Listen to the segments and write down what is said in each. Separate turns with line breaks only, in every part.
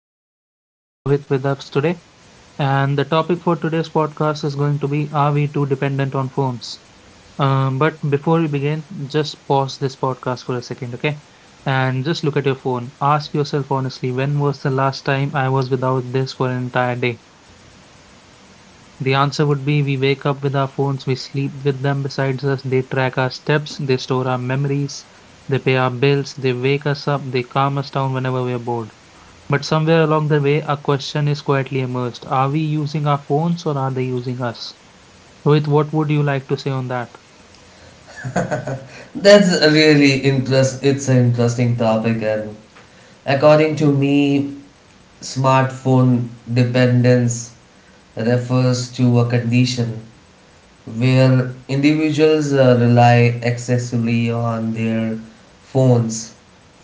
podcast. We have Rohit with us today, and the topic for today's podcast is going to be, are we too dependent on phones? But before we begin, just pause this podcast for a second, okay? And just look at your phone. Ask yourself honestly, when was the last time I was without this for an entire day? The answer would be we wake up with our phones, we sleep with them beside us, they track our steps, they store our memories, they pay our bills, they wake us up, they calm us down whenever we are bored. But somewhere along the way, a question is quietly emerged. Are we using our phones or are they using us? Rohit, what would you like to say on that?
That's a really interest. It's an interesting topic, and according to me, smartphone dependence refers to a condition where individuals rely excessively on their phones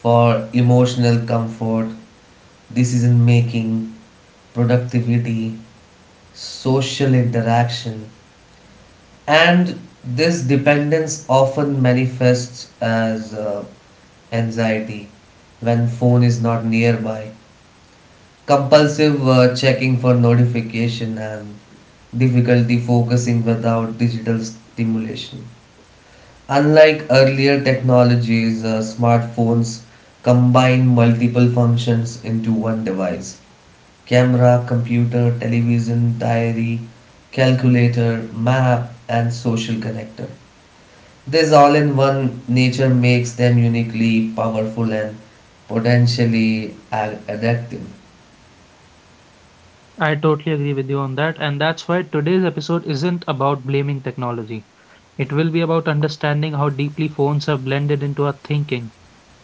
for emotional comfort, decision making, productivity, social interaction, and this dependence often manifests as anxiety when phone is not nearby, compulsive checking for notification, and difficulty focusing without digital stimulation. Unlike earlier technologies, smartphones combine multiple functions into one device, camera, computer, television, diary, calculator, map, and social connector. This all in one nature makes them uniquely powerful and potentially addictive.
I totally agree with you on that. And that's why today's episode isn't about blaming technology. It will be about understanding how deeply phones have blended into our thinking,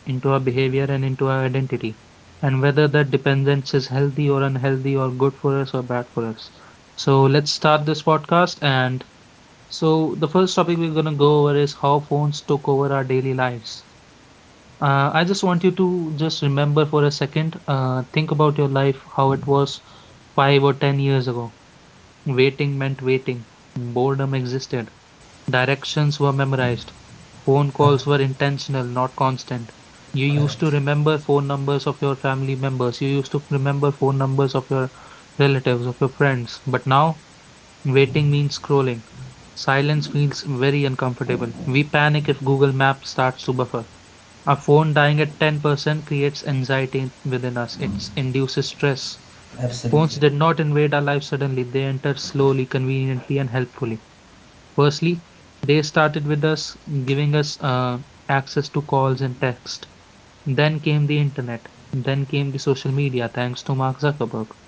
into our behavior, and into our identity, and whether that dependence is healthy or unhealthy or good for us or bad for us. So let's start this podcast. And so the first topic we're going to go over is how phones took over our daily lives. I just want you to just remember for a second, think about your life, how it was 5 or 10 years ago. Waiting meant waiting, boredom existed, directions were memorized, phone calls were intentional, not constant. You used
Correct.
to remember phone numbers of your family members, you used to remember phone numbers of your relatives, of your friends. But now, waiting means scrolling. Silence feels very uncomfortable. We panic if Google Maps starts to buffer. A phone dying at 10% creates anxiety within us. It induces stress. Phones
Absolutely
did not invade our lives suddenly, they entered slowly, conveniently, and helpfully. Firstly, they started with us, giving us access to calls and text. Then came the internet. Then came the social media, thanks to Mark Zuckerberg.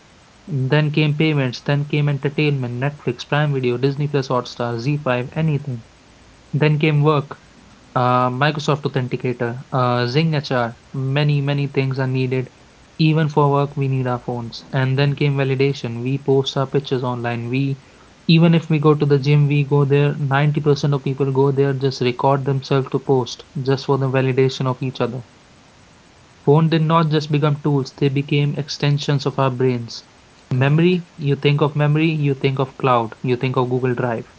Then came payments. Then came entertainment, Netflix, Prime Video, Disney Plus, Hotstar, Z5, anything. Then came work, Microsoft Authenticator, Zing HR, many, many things are needed. Even for work, we need our phones. And then came validation. We post our pictures online. We, even if we go to the gym, we go there. 90% of people go there, just record themselves to post, just for the validation of each other. Phone did not just become tools, they became extensions of our brains.
correct.
Memory, you think of memory, you think of cloud, you think of Google Drive.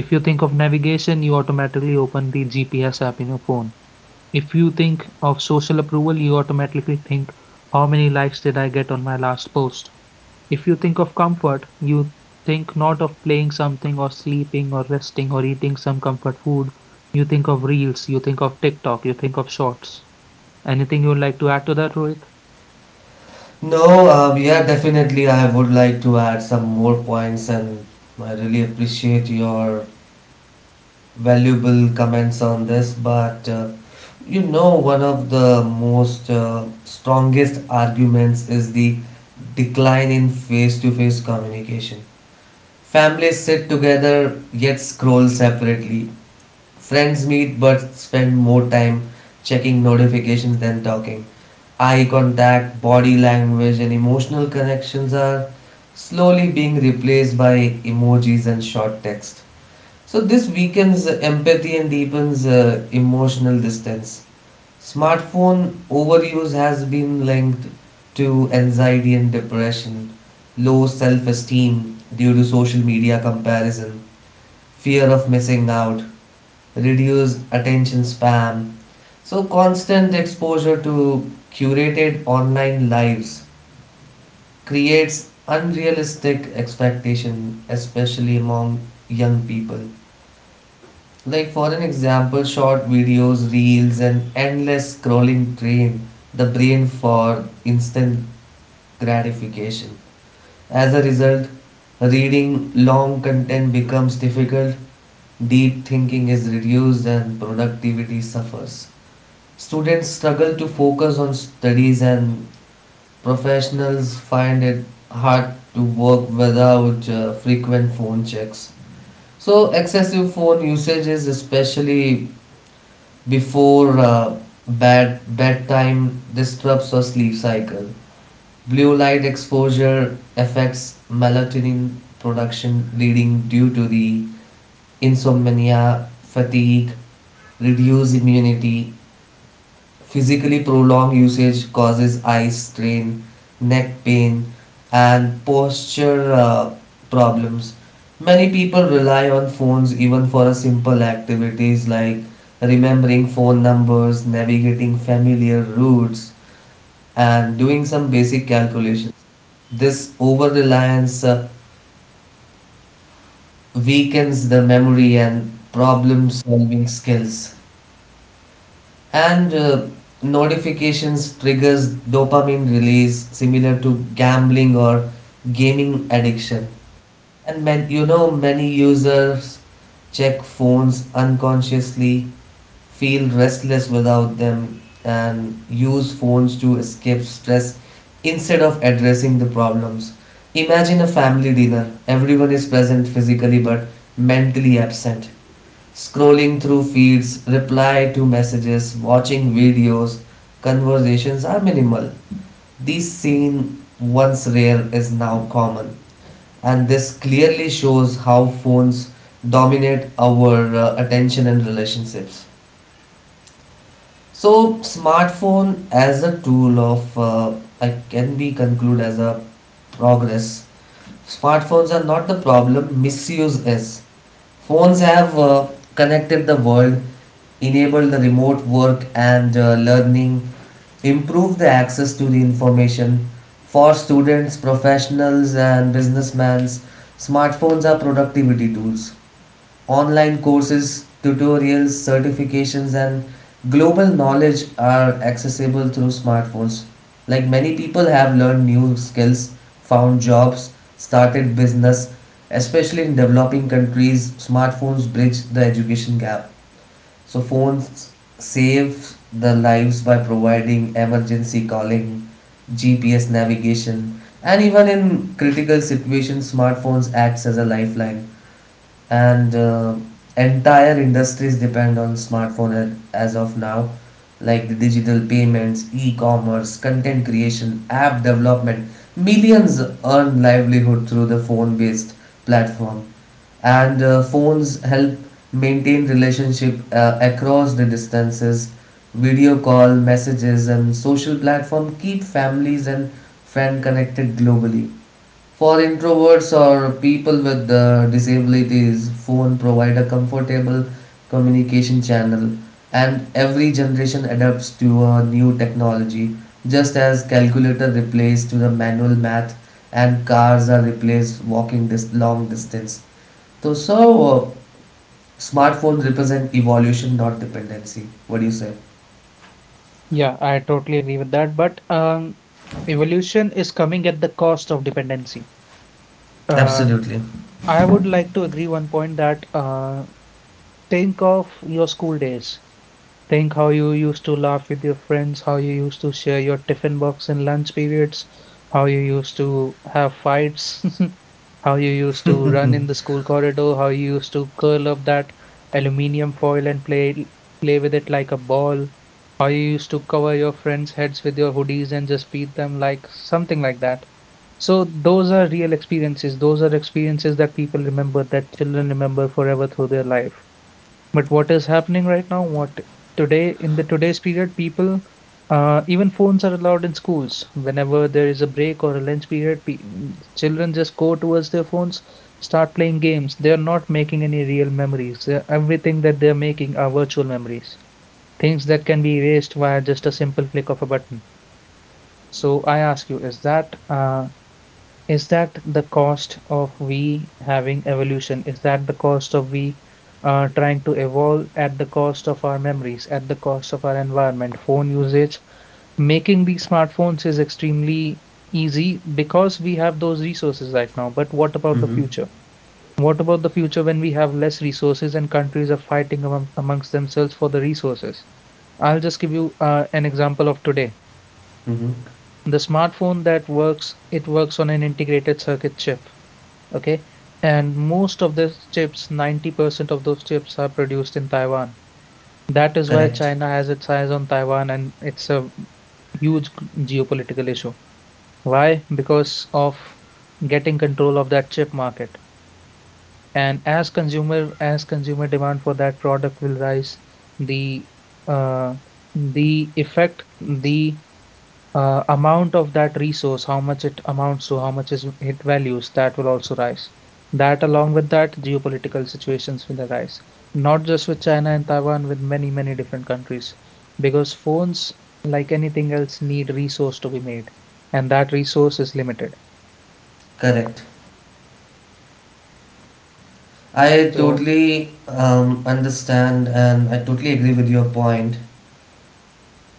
If you think of navigation, you automatically open the GPS app in your phone. If you think of social approval, you automatically think, how many likes did I get on my last post? If you think of comfort, you think not of playing something or sleeping or resting or eating some comfort food. You think of reels, you think of TikTok, you think of shorts. Anything you would like to add to that, Rohit?
No, yeah, definitely. I would like to add some more points, and I really appreciate your valuable comments on this. But one of the most strongest arguments is the decline in face to face communication. Families sit together yet scroll separately. Friends meet but spend more time checking notifications than talking. Eye contact, body language, and emotional connections are slowly being replaced by emojis and short text. So, this weakens empathy and deepens emotional distance. Smartphone overuse has been linked to anxiety and depression, low self esteem due to social media comparison, fear of missing out, reduced attention span. So, constant exposure to curated online lives creates unrealistic expectation, especially among young people. Like for an example, short videos, reels, and endless scrolling train the brain for instant gratification. As a result, reading long content becomes difficult, deep thinking is reduced, and productivity suffers. Students struggle to focus on studies, and professionals find it hard to work without frequent phone checks. So, excessive phone usage, is especially before bedtime, disrupts our sleep cycle. Blue light exposure affects melatonin production, leading due to the insomnia, fatigue, reduced immunity. Physically, prolonged usage causes eye strain, neck pain, and posture problems. Many people rely on phones even for a simple activities like remembering phone numbers, navigating familiar routes, and doing some basic calculations. This over reliance weakens the memory and problem solving skills. And notifications triggers dopamine release similar to gambling or gaming addiction. And man, you know many users check phones unconsciously, feel restless without them, and use phones to escape stress instead of addressing the problems. Imagine a family dinner. Everyone is present physically but mentally absent. Scrolling through feeds, reply to messages, watching videos, conversations are minimal. This scene, once rare, is now common, and this clearly shows how phones dominate our attention and relationships. So, smartphone as a tool of I can be concluded as a progress. Smartphones are not the problem, misuse is. Phones have connected the world, enabled the remote work and learning, improved the access to the information for students, professionals, and businessmen. Smartphones are productivity tools. Online courses, tutorials, certifications, and global knowledge are accessible through smartphones. Like, many people have learned new skills, found jobs, started business, especially in developing countries, smartphones bridge the education gap. So, phones save the lives by providing emergency calling, GPS navigation, and even in critical situations, smartphones acts as a lifeline, and entire industries depend on smartphone as of now, like the digital payments, e-commerce, content creation, app development. Millions earn livelihood through the phone based platform, and phones help maintain relationship across the distances. Video call, messages, and social platform keep families and friends connected globally. For introverts or people with disabilities, phone provide a comfortable communication channel. And every generation adapts to a new technology, just as calculator replaced to the manual math, and cars are replaced walking this long distance. So, smartphones represent evolution, not dependency. What do you say?
Yeah, I totally agree with that. But evolution is coming at the cost of dependency. Uh,
Absolutely.
I would like to agree one point that think of your school days. Think how you used to laugh with your friends, how you used to share your tiffin box in lunch periods, how you used to have fights, how you used to run in the school corridor, how you used to curl up that aluminium foil and play with it like a ball, how you used to cover your friends' heads with your hoodies and just beat them like something like that. So those are real experiences. Those are experiences that people remember, that children remember forever through their life. But what is happening right now? What today in the today's period, people, even phones are allowed in schools. Whenever there is a break or a lunch period, children just go towards their phones, start playing games. They are not making any real memories. Everything that they are making are virtual memories, things that can be erased via just a simple click of a button. So I ask you, is that the cost of we having evolution? Is that the cost of we trying to evolve at the cost of our memories, at the cost of our environment, phone usage? Making these smartphones is extremely easy because we have those resources right now. But what about the
Mm-hmm.
future? What about the future when we have less resources and countries are fighting amongst themselves for the resources? I'll just give you an example of today.
Mm-hmm.
The smartphone that works, it works on an integrated circuit chip. Okay. And most of these chips, 90% of those chips are produced in Taiwan. That is why
Correct.
China has its eyes on Taiwan and it's a huge geopolitical issue. Why? Because of getting control of that chip market. And as consumer demand for that product will rise, the uh, the amount of that resource, how much it amounts to, how much is it values, that will also rise. That, along with that, geopolitical situations will arise, not just with China and Taiwan, with many, many different countries, because phones, like anything else, need resource to be made, and that resource is limited.
Correct. I
So,
totally understand and I totally agree with your point.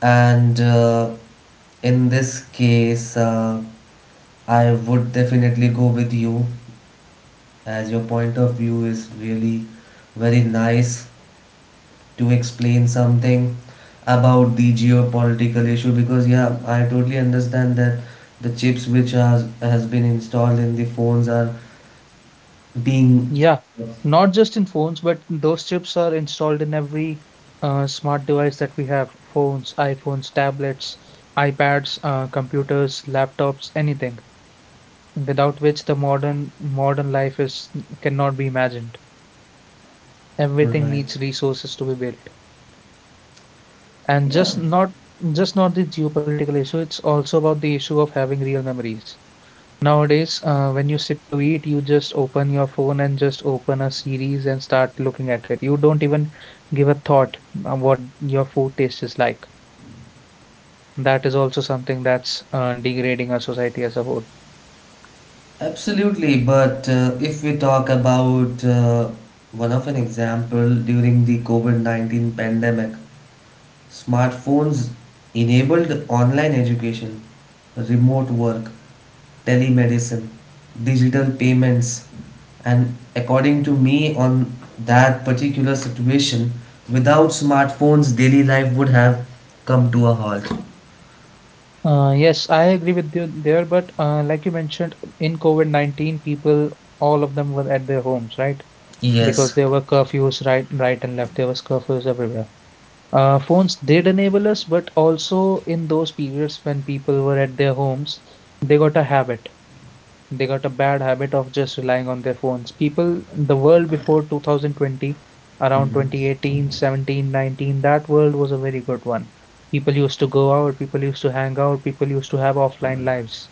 And in this case, I would definitely go with you, as your point of view is really very nice to explain something about the geopolitical issue, because yeah, I totally understand that the chips which has been installed in the phones are being.
yeah, not just in phones, but those chips are installed in every smart device that we have, phones, iPhones, tablets, iPads, computers, laptops, anything, without which the modern life is cannot be imagined. Everything needs
Right.
resources to be built. And
Yeah.
just not the geopolitical issue, it's also about the issue of having real memories. Nowadays, when you sit to eat, you just open your phone and just open a series and start looking at it. You don't even give a thought what your food taste is like. That is also something that's degrading our society as a whole.
Absolutely, but if we talk about one of an example during the COVID-19 pandemic, smartphones enabled online education, remote work, telemedicine, digital payments, and according to me, on that particular situation, without smartphones, daily life would have come to a halt.
Yes, I agree with you there, but like you mentioned, in COVID-19, people, all of them were at their homes, right? Because
Yes.
there were curfews right, right and left. There was curfews everywhere. Phones did enable us, but also in those periods when people were at their homes, they got a habit. They got a bad habit of just relying on their phones. People, the world before 2020, around
Mhm.
2018, 17, 19, that world was a very good one. People used to go out, people used to hang out, people used to have offline lives.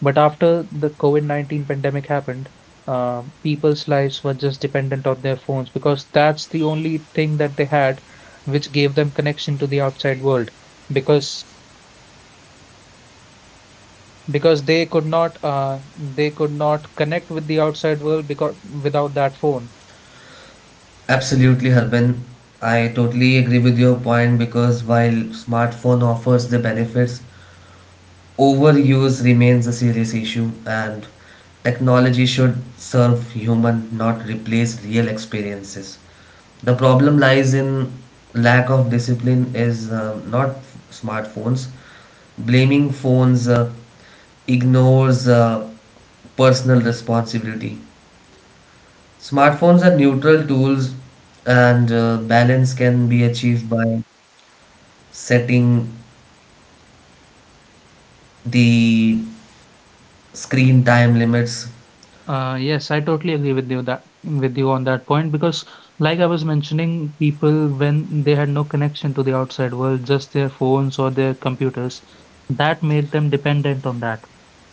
But after the COVID-19 pandemic happened, people's lives were just dependent on their phones because that's the only thing that they had which gave them connection to the outside world. Because because they could not connect with the outside world because without that phone.
Absolutely, Harbin. I totally agree with your point, because while smartphone offers the benefits, overuse remains a serious issue, and technology should serve human, not replace real experiences. The problem lies in lack of discipline is not smartphones. Blaming phones ignores personal responsibility. Smartphones are neutral tools, and balance can be achieved by setting the screen time limits.
Yes, I totally agree with you that with you on that point because like I was mentioning, people when they had no connection to the outside world, just their phones or their computers, that made them dependent on that.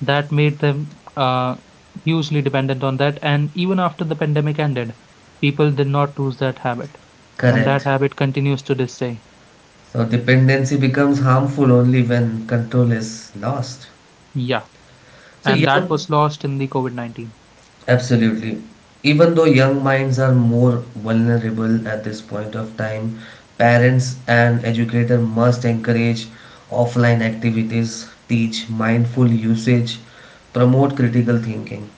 That made them hugely dependent on that. And even after the pandemic ended, people did not lose that habit, and that
Correct.
habit continues to this day.
So, dependency becomes harmful only when control is lost.
Yeah.
So,
And that
young,
was lost in the COVID-19.
Absolutely. Even though young minds are more vulnerable at this point of time, parents and educators must encourage offline activities, teach mindful usage, promote critical thinking.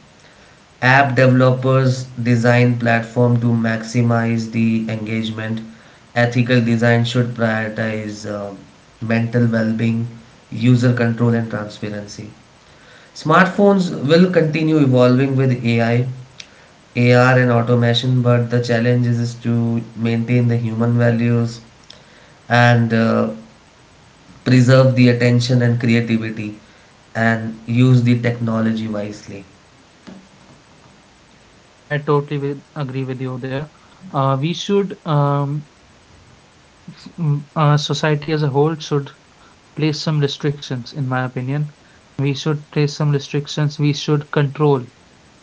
App developers design platform to maximize the engagement. Ethical design should prioritize mental well-being, user control, and transparency. Smartphones will continue evolving with AI, AR, and automation, but the challenge is to maintain the human values, and preserve the attention and creativity, and use the technology wisely.
Agree with you there. Uh, we should, um, Society as a whole should place some restrictions, in my opinion. We should place some restrictions. We should control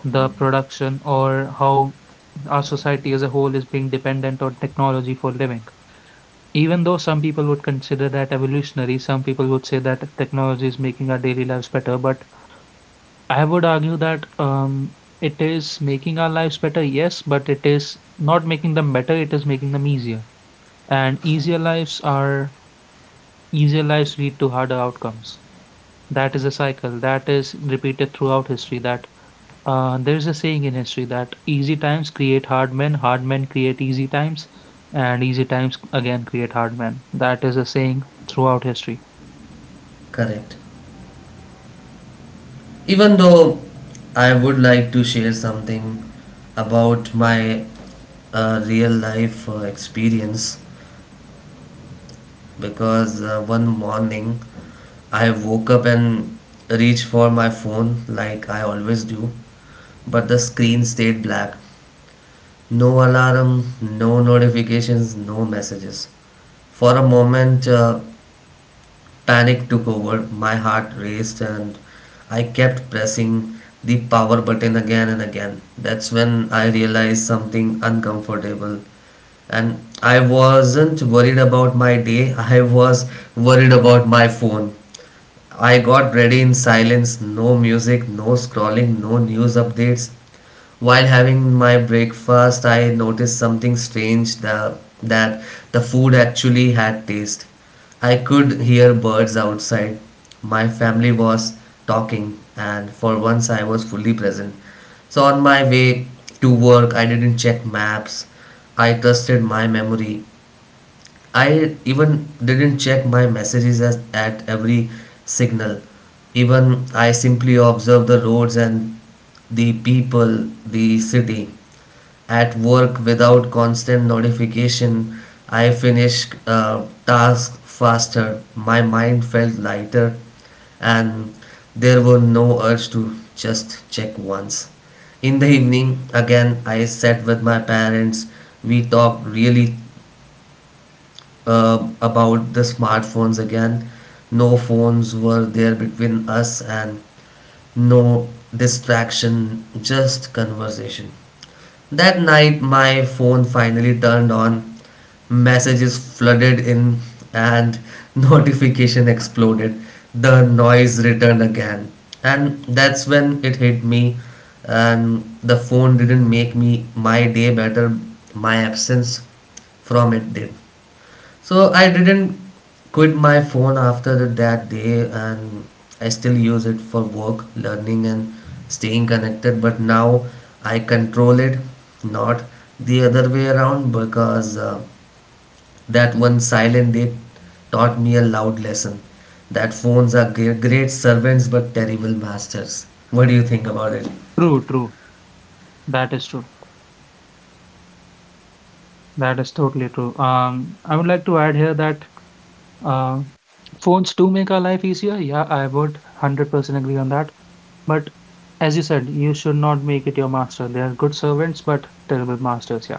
the production or how our society as a whole is being dependent on technology for living. Even though some people would consider that evolutionary, some people would say that technology is making our daily lives better, but I would argue that it is making our lives better, yes, but it is not making them better, it is making them easier. And easier lives lead to harder outcomes. That is a cycle that is repeated throughout history. That There is a saying in history that easy times create hard men create easy times, and easy times again create hard men. That is a saying throughout history.
Correct. Even though, I would like to share something about my real life experience. Because one morning I woke up and reached for my phone like I always do, but the screen stayed black. No alarm, no notifications, no messages. For a moment, panic took over, my heart raced, and I kept pressing the power button again and again. That's when I realized something uncomfortable. And I wasn't worried about my day, I was worried about my phone. I got ready in silence, no music, no scrolling, no news updates. While having my breakfast, I noticed something strange, the food actually had taste. I could hear birds outside. My family was talking, and for once I was fully present. So, on my way to work, I didn't check maps. I trusted my memory. I even didn't check my messages at every signal. Even I simply observed the roads, and the people, the city. At work, without constant notification, I finished tasks faster. My mind felt lighter, and there were no urge to just check once. In the evening, again, I sat with my parents. We talked really about the smartphones again. No phones were there between us, and no distraction, just conversation. That night, my phone finally turned on, messages flooded in, and notification exploded. The noise returned again. And that's when it hit me. And the phone didn't make me my day better, my absence from it did. So I didn't quit my phone after that day, and I still use it for work, learning, and staying connected. But now I control it, not the other way around, because that one silent day taught me a loud lesson that phones are great servants but terrible masters. What do you think about it?
True, true. That is true. That is totally true. I would like to add here that Uh, phones do make our life easier. Yeah, I would 100% agree on that. But as you said, you should not make it your master. They are good servants, but terrible masters. Yeah,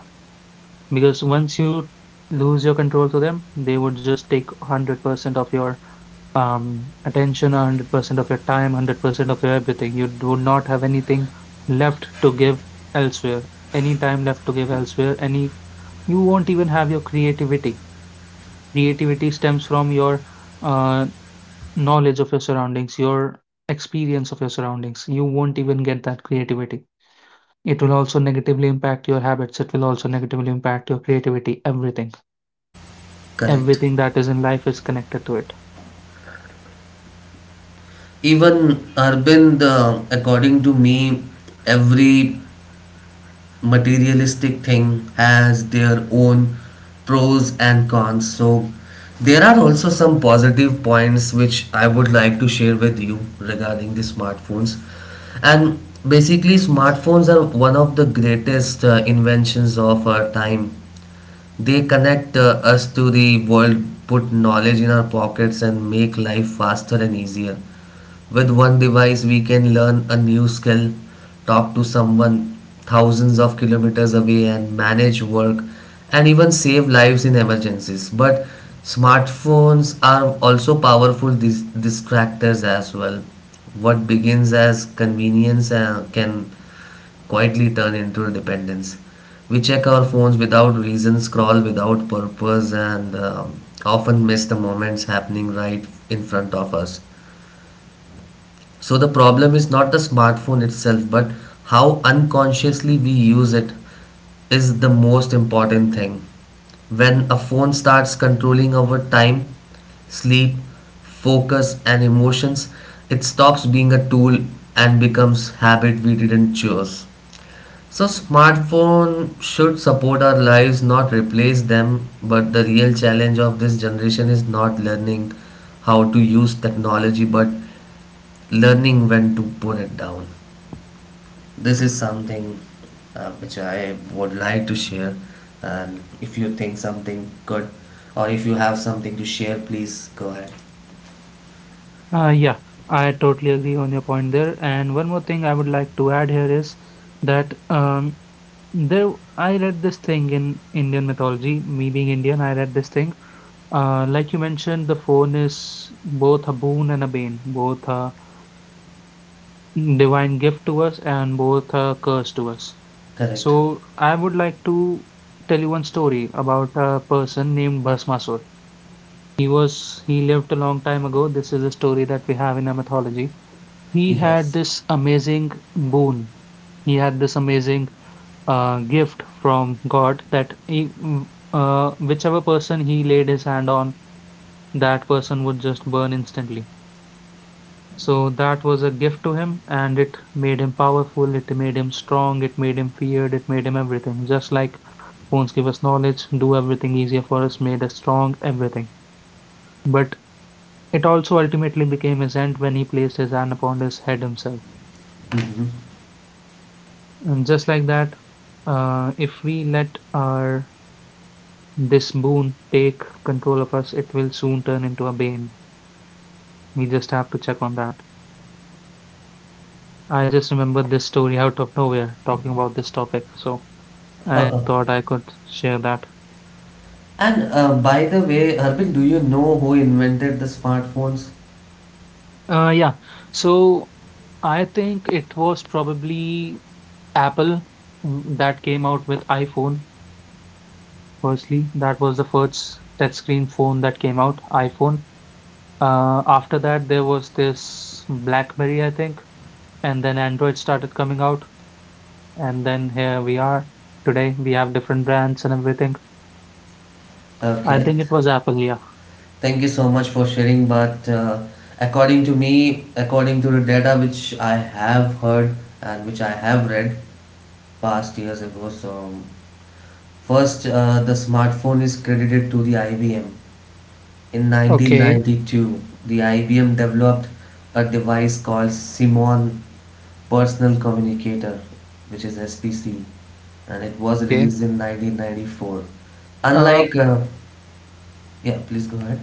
because once you lose your control to them, they would just take 100% of your attention, 100% of your time, 100% of your everything. You do not have anything left to give elsewhere, any time left to give elsewhere, any, you won't even have your creativity. Creativity stems from your uh, knowledge of your surroundings, your experience of your surroundings. You won't even get that creativity. It will also negatively impact your habits. It will also negatively impact your creativity. Everything.
Correct.
Everything that is in life is connected to it.
Even, Arvind, according to me, every materialistic thing has their own pros and cons. So, there are also some positive points which I would like to share with you regarding the smartphones. And basically, smartphones are one of the greatest inventions of our time. They connect us to the world, put knowledge in our pockets, and make life faster and easier. With one device, we can learn a new skill, talk to someone thousands of kilometers away, and manage work and even save lives in emergencies. But smartphones are also powerful distractors as well. What begins as convenience can quietly turn into a dependence. We check our phones without reason, scroll without purpose, and often miss the moments happening right in front of us. So the problem is not the smartphone itself, but how unconsciously we use it is the most important thing. When a phone starts controlling our time, sleep, focus, and emotions, it stops being a tool and becomes habit we didn't choose. So smartphone should support our lives, not replace them. But the real challenge of this generation is not learning how to use technology, but learning when to put it down. This is something which I would like to share. And if you think something good, or if you have something to share, please go ahead.
Yeah, I totally agree on your point there. And one more thing I would like to add here is that there I read this thing in Indian mythology. Me being Indian, I read this thing. Like you mentioned, the phone is both a boon and a bane, both a divine gift to us and both a curse to us.
Correct.
So I would like to tell you one story about a person named Bhasmasur. He lived a long time ago. This is a story that we have in our mythology. He had
Yes.
this amazing boon. He had this amazing gift from God that whichever person he laid his hand on, that person would just burn instantly. So that was a gift to him, and it made him powerful, it made him strong, it made him feared, it made him everything. Just like phones give us knowledge, do everything easier for us, made us strong, everything. But it also ultimately became his end when he placed his hand upon his head himself.
Mm-hmm.
And just like that, if we let our this boon take control of us, it will soon turn into a bane. We just have to check on that. I just remembered this story out of nowhere talking about this topic. So I thought I could share that.
And by the way, Harbin, do you know who invented the smartphones?
Yeah. So I think it was probably Apple that came out with iPhone. Firstly, that was the first touchscreen phone that came out, iPhone. After that, there was this BlackBerry, I think, and then Android started coming out, and then here we are today. We have different brands and everything. I
Okay,
think it was Apple, yeah.
thank you so much for sharing. But according to me, according to the data which I have heard and which I have read past years ago, so first, the smartphone is credited to the IBM. In
Okay,
1992, the IBM developed a device called Simon Personal Communicator, which is SPC, and it was
okay.
released in 1994.
Uh,
Unlike, yeah, please go ahead.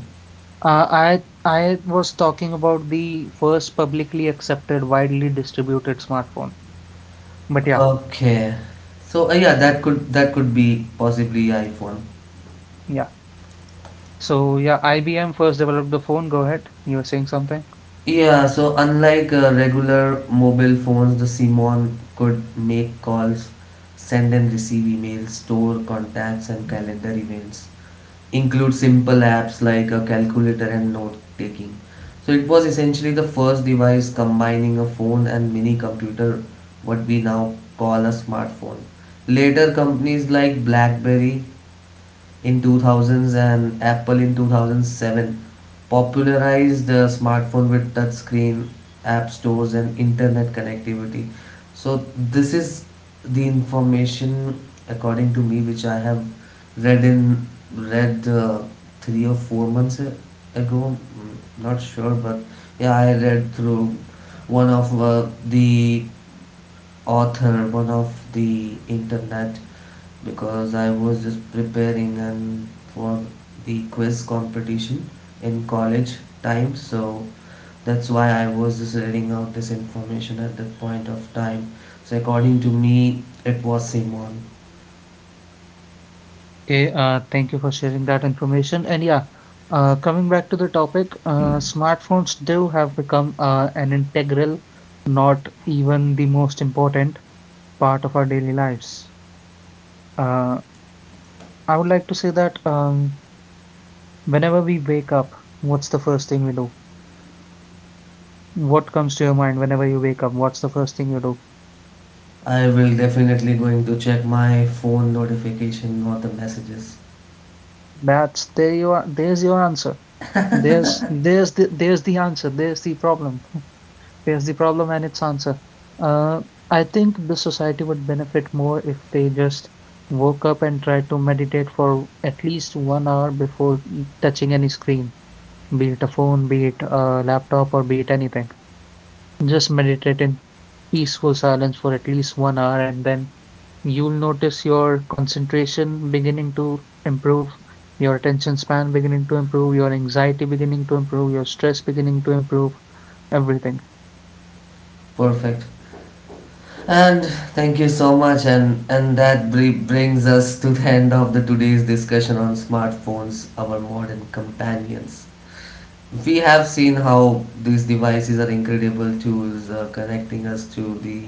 I was talking about the first publicly accepted, widely distributed smartphone. But yeah,
Okay. So yeah, that could be possibly iPhone.
yeah. So yeah, IBM first developed the phone. Go ahead. You were saying something.
Yeah, so unlike regular mobile phones, the Simon could make calls, send and receive emails, store contacts and calendar events, include simple apps like a calculator and note taking. So it was essentially the first device combining a phone and mini computer, what we now call a smartphone. Later, companies like BlackBerry in 2000s and Apple in 2007 popularized the smartphone with touchscreen, app stores, and internet connectivity. So this is the information, according to me, which I have read in read 3 or 4 months ago. Mm, not sure, but yeah, I read through one of the author, one of the internet, because I was just preparing and for the quiz competition in college time, so that's why I was just reading out this information at that point of time, so according to me it was Simon.
Okay. Thank you for sharing that information. And yeah, coming back to the topic, smartphones do have become an integral, not even the most important part of our daily lives. Uh, I would like to say that whenever we wake up, what's the first thing we do? What comes to your mind whenever you wake up? What's the first thing you do?
I will definitely going to check my phone notification or the messages.
That's there you are. There's your answer. There's the answer. There's the problem. There's the problem and its answer. Uh, I think the society would benefit more if they just woke up and tried to meditate for at least 1 hour before touching any screen, be it a phone, be it a laptop, or be it anything. Just meditate in peaceful silence for at least 1 hour, and then you'll notice your concentration beginning to improve, your attention span beginning to improve, your anxiety beginning to improve, your stress beginning to improve, everything.
Perfect. And thank you so much, and that brings us to the end of the today's discussion on smartphones, our modern companions. We have seen how these devices are incredible tools, connecting us to the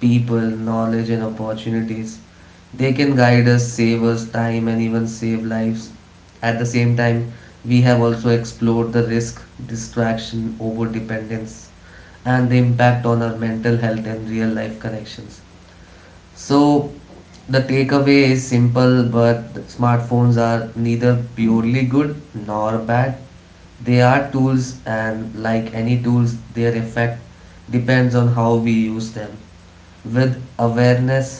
people, knowledge, and opportunities. They can guide us, save us time, and even save lives. At the same time, we have also explored the risk, distraction, over dependence, and the impact on our mental health and real life connections. So the takeaway is simple, but smartphones are neither purely good nor bad. They are tools, and like any tools, their effect depends on how we use them. With awareness,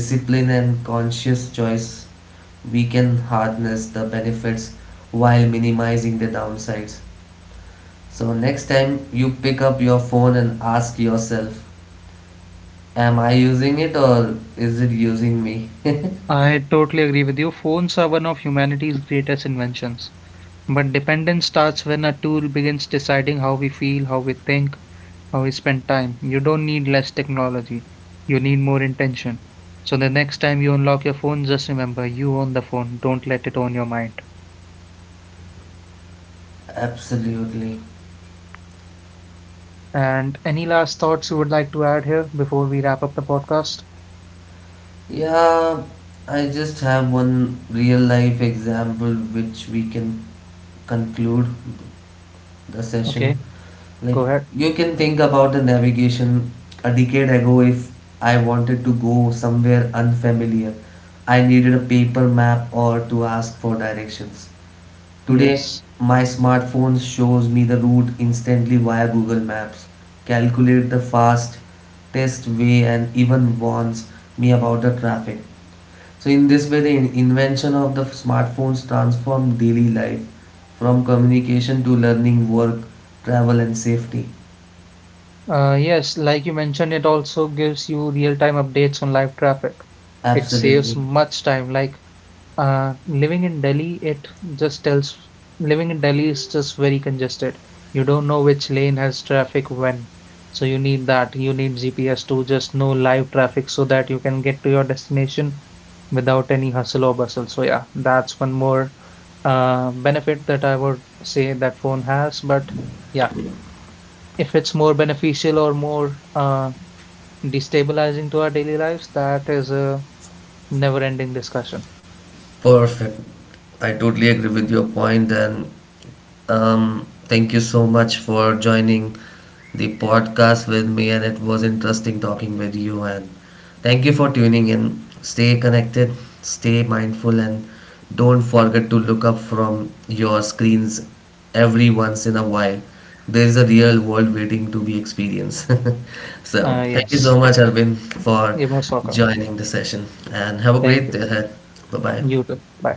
discipline, and conscious choice, we can harness the benefits while minimizing the downsides. So, next time you pick up your phone, and ask yourself, am I using it or is it using me?
I totally agree with you. Phones are one of humanity's greatest inventions. But dependence starts when a tool begins deciding how we feel, how we think, how we spend time. You don't need less technology, you need more intention. So the next time you unlock your phone, just remember you own the phone, don't let it own your mind.
Absolutely.
And any last thoughts you would like to add here before we wrap up the podcast?
Yeah, I just have one real life example which we can conclude the session.
Okay,
Like,
go ahead.
you can think about the navigation a decade ago, if I wanted to go somewhere unfamiliar, I needed a paper map or to ask for directions. Today,
Yes.
my smartphone shows me the route instantly via Google Maps, calculate the fastest way, and even warns me about the traffic. So, in this way, the invention of the smartphones transformed daily life, from communication to learning, work, travel, and safety.
Yes, like you mentioned, it also gives you real-time updates on live traffic. It saves
Absolutely.
much time. Like living in Delhi, it just tells living in Delhi is just very congested. You don't know which lane has traffic when. So you need that. You need GPS to just know live traffic so that you can get to your destination without any hustle or bustle. So yeah, that's one more benefit that I would say that phone has. But yeah, if it's more beneficial or more destabilizing to our daily lives, that is a never-ending discussion.
Perfect. I totally agree with your point, and thank you so much for joining the podcast with me. And it was interesting talking with you. And thank you for tuning in. Stay connected, stay mindful, and don't forget to look up from your screens every once in a while. There is a real world waiting to be experienced. So
Uh,
thank you
yes,
so much, Arvind, for
you're most welcome.
joining the session. And have a
Thank
great
you.
day ahead. Bye bye.
You too. Bye.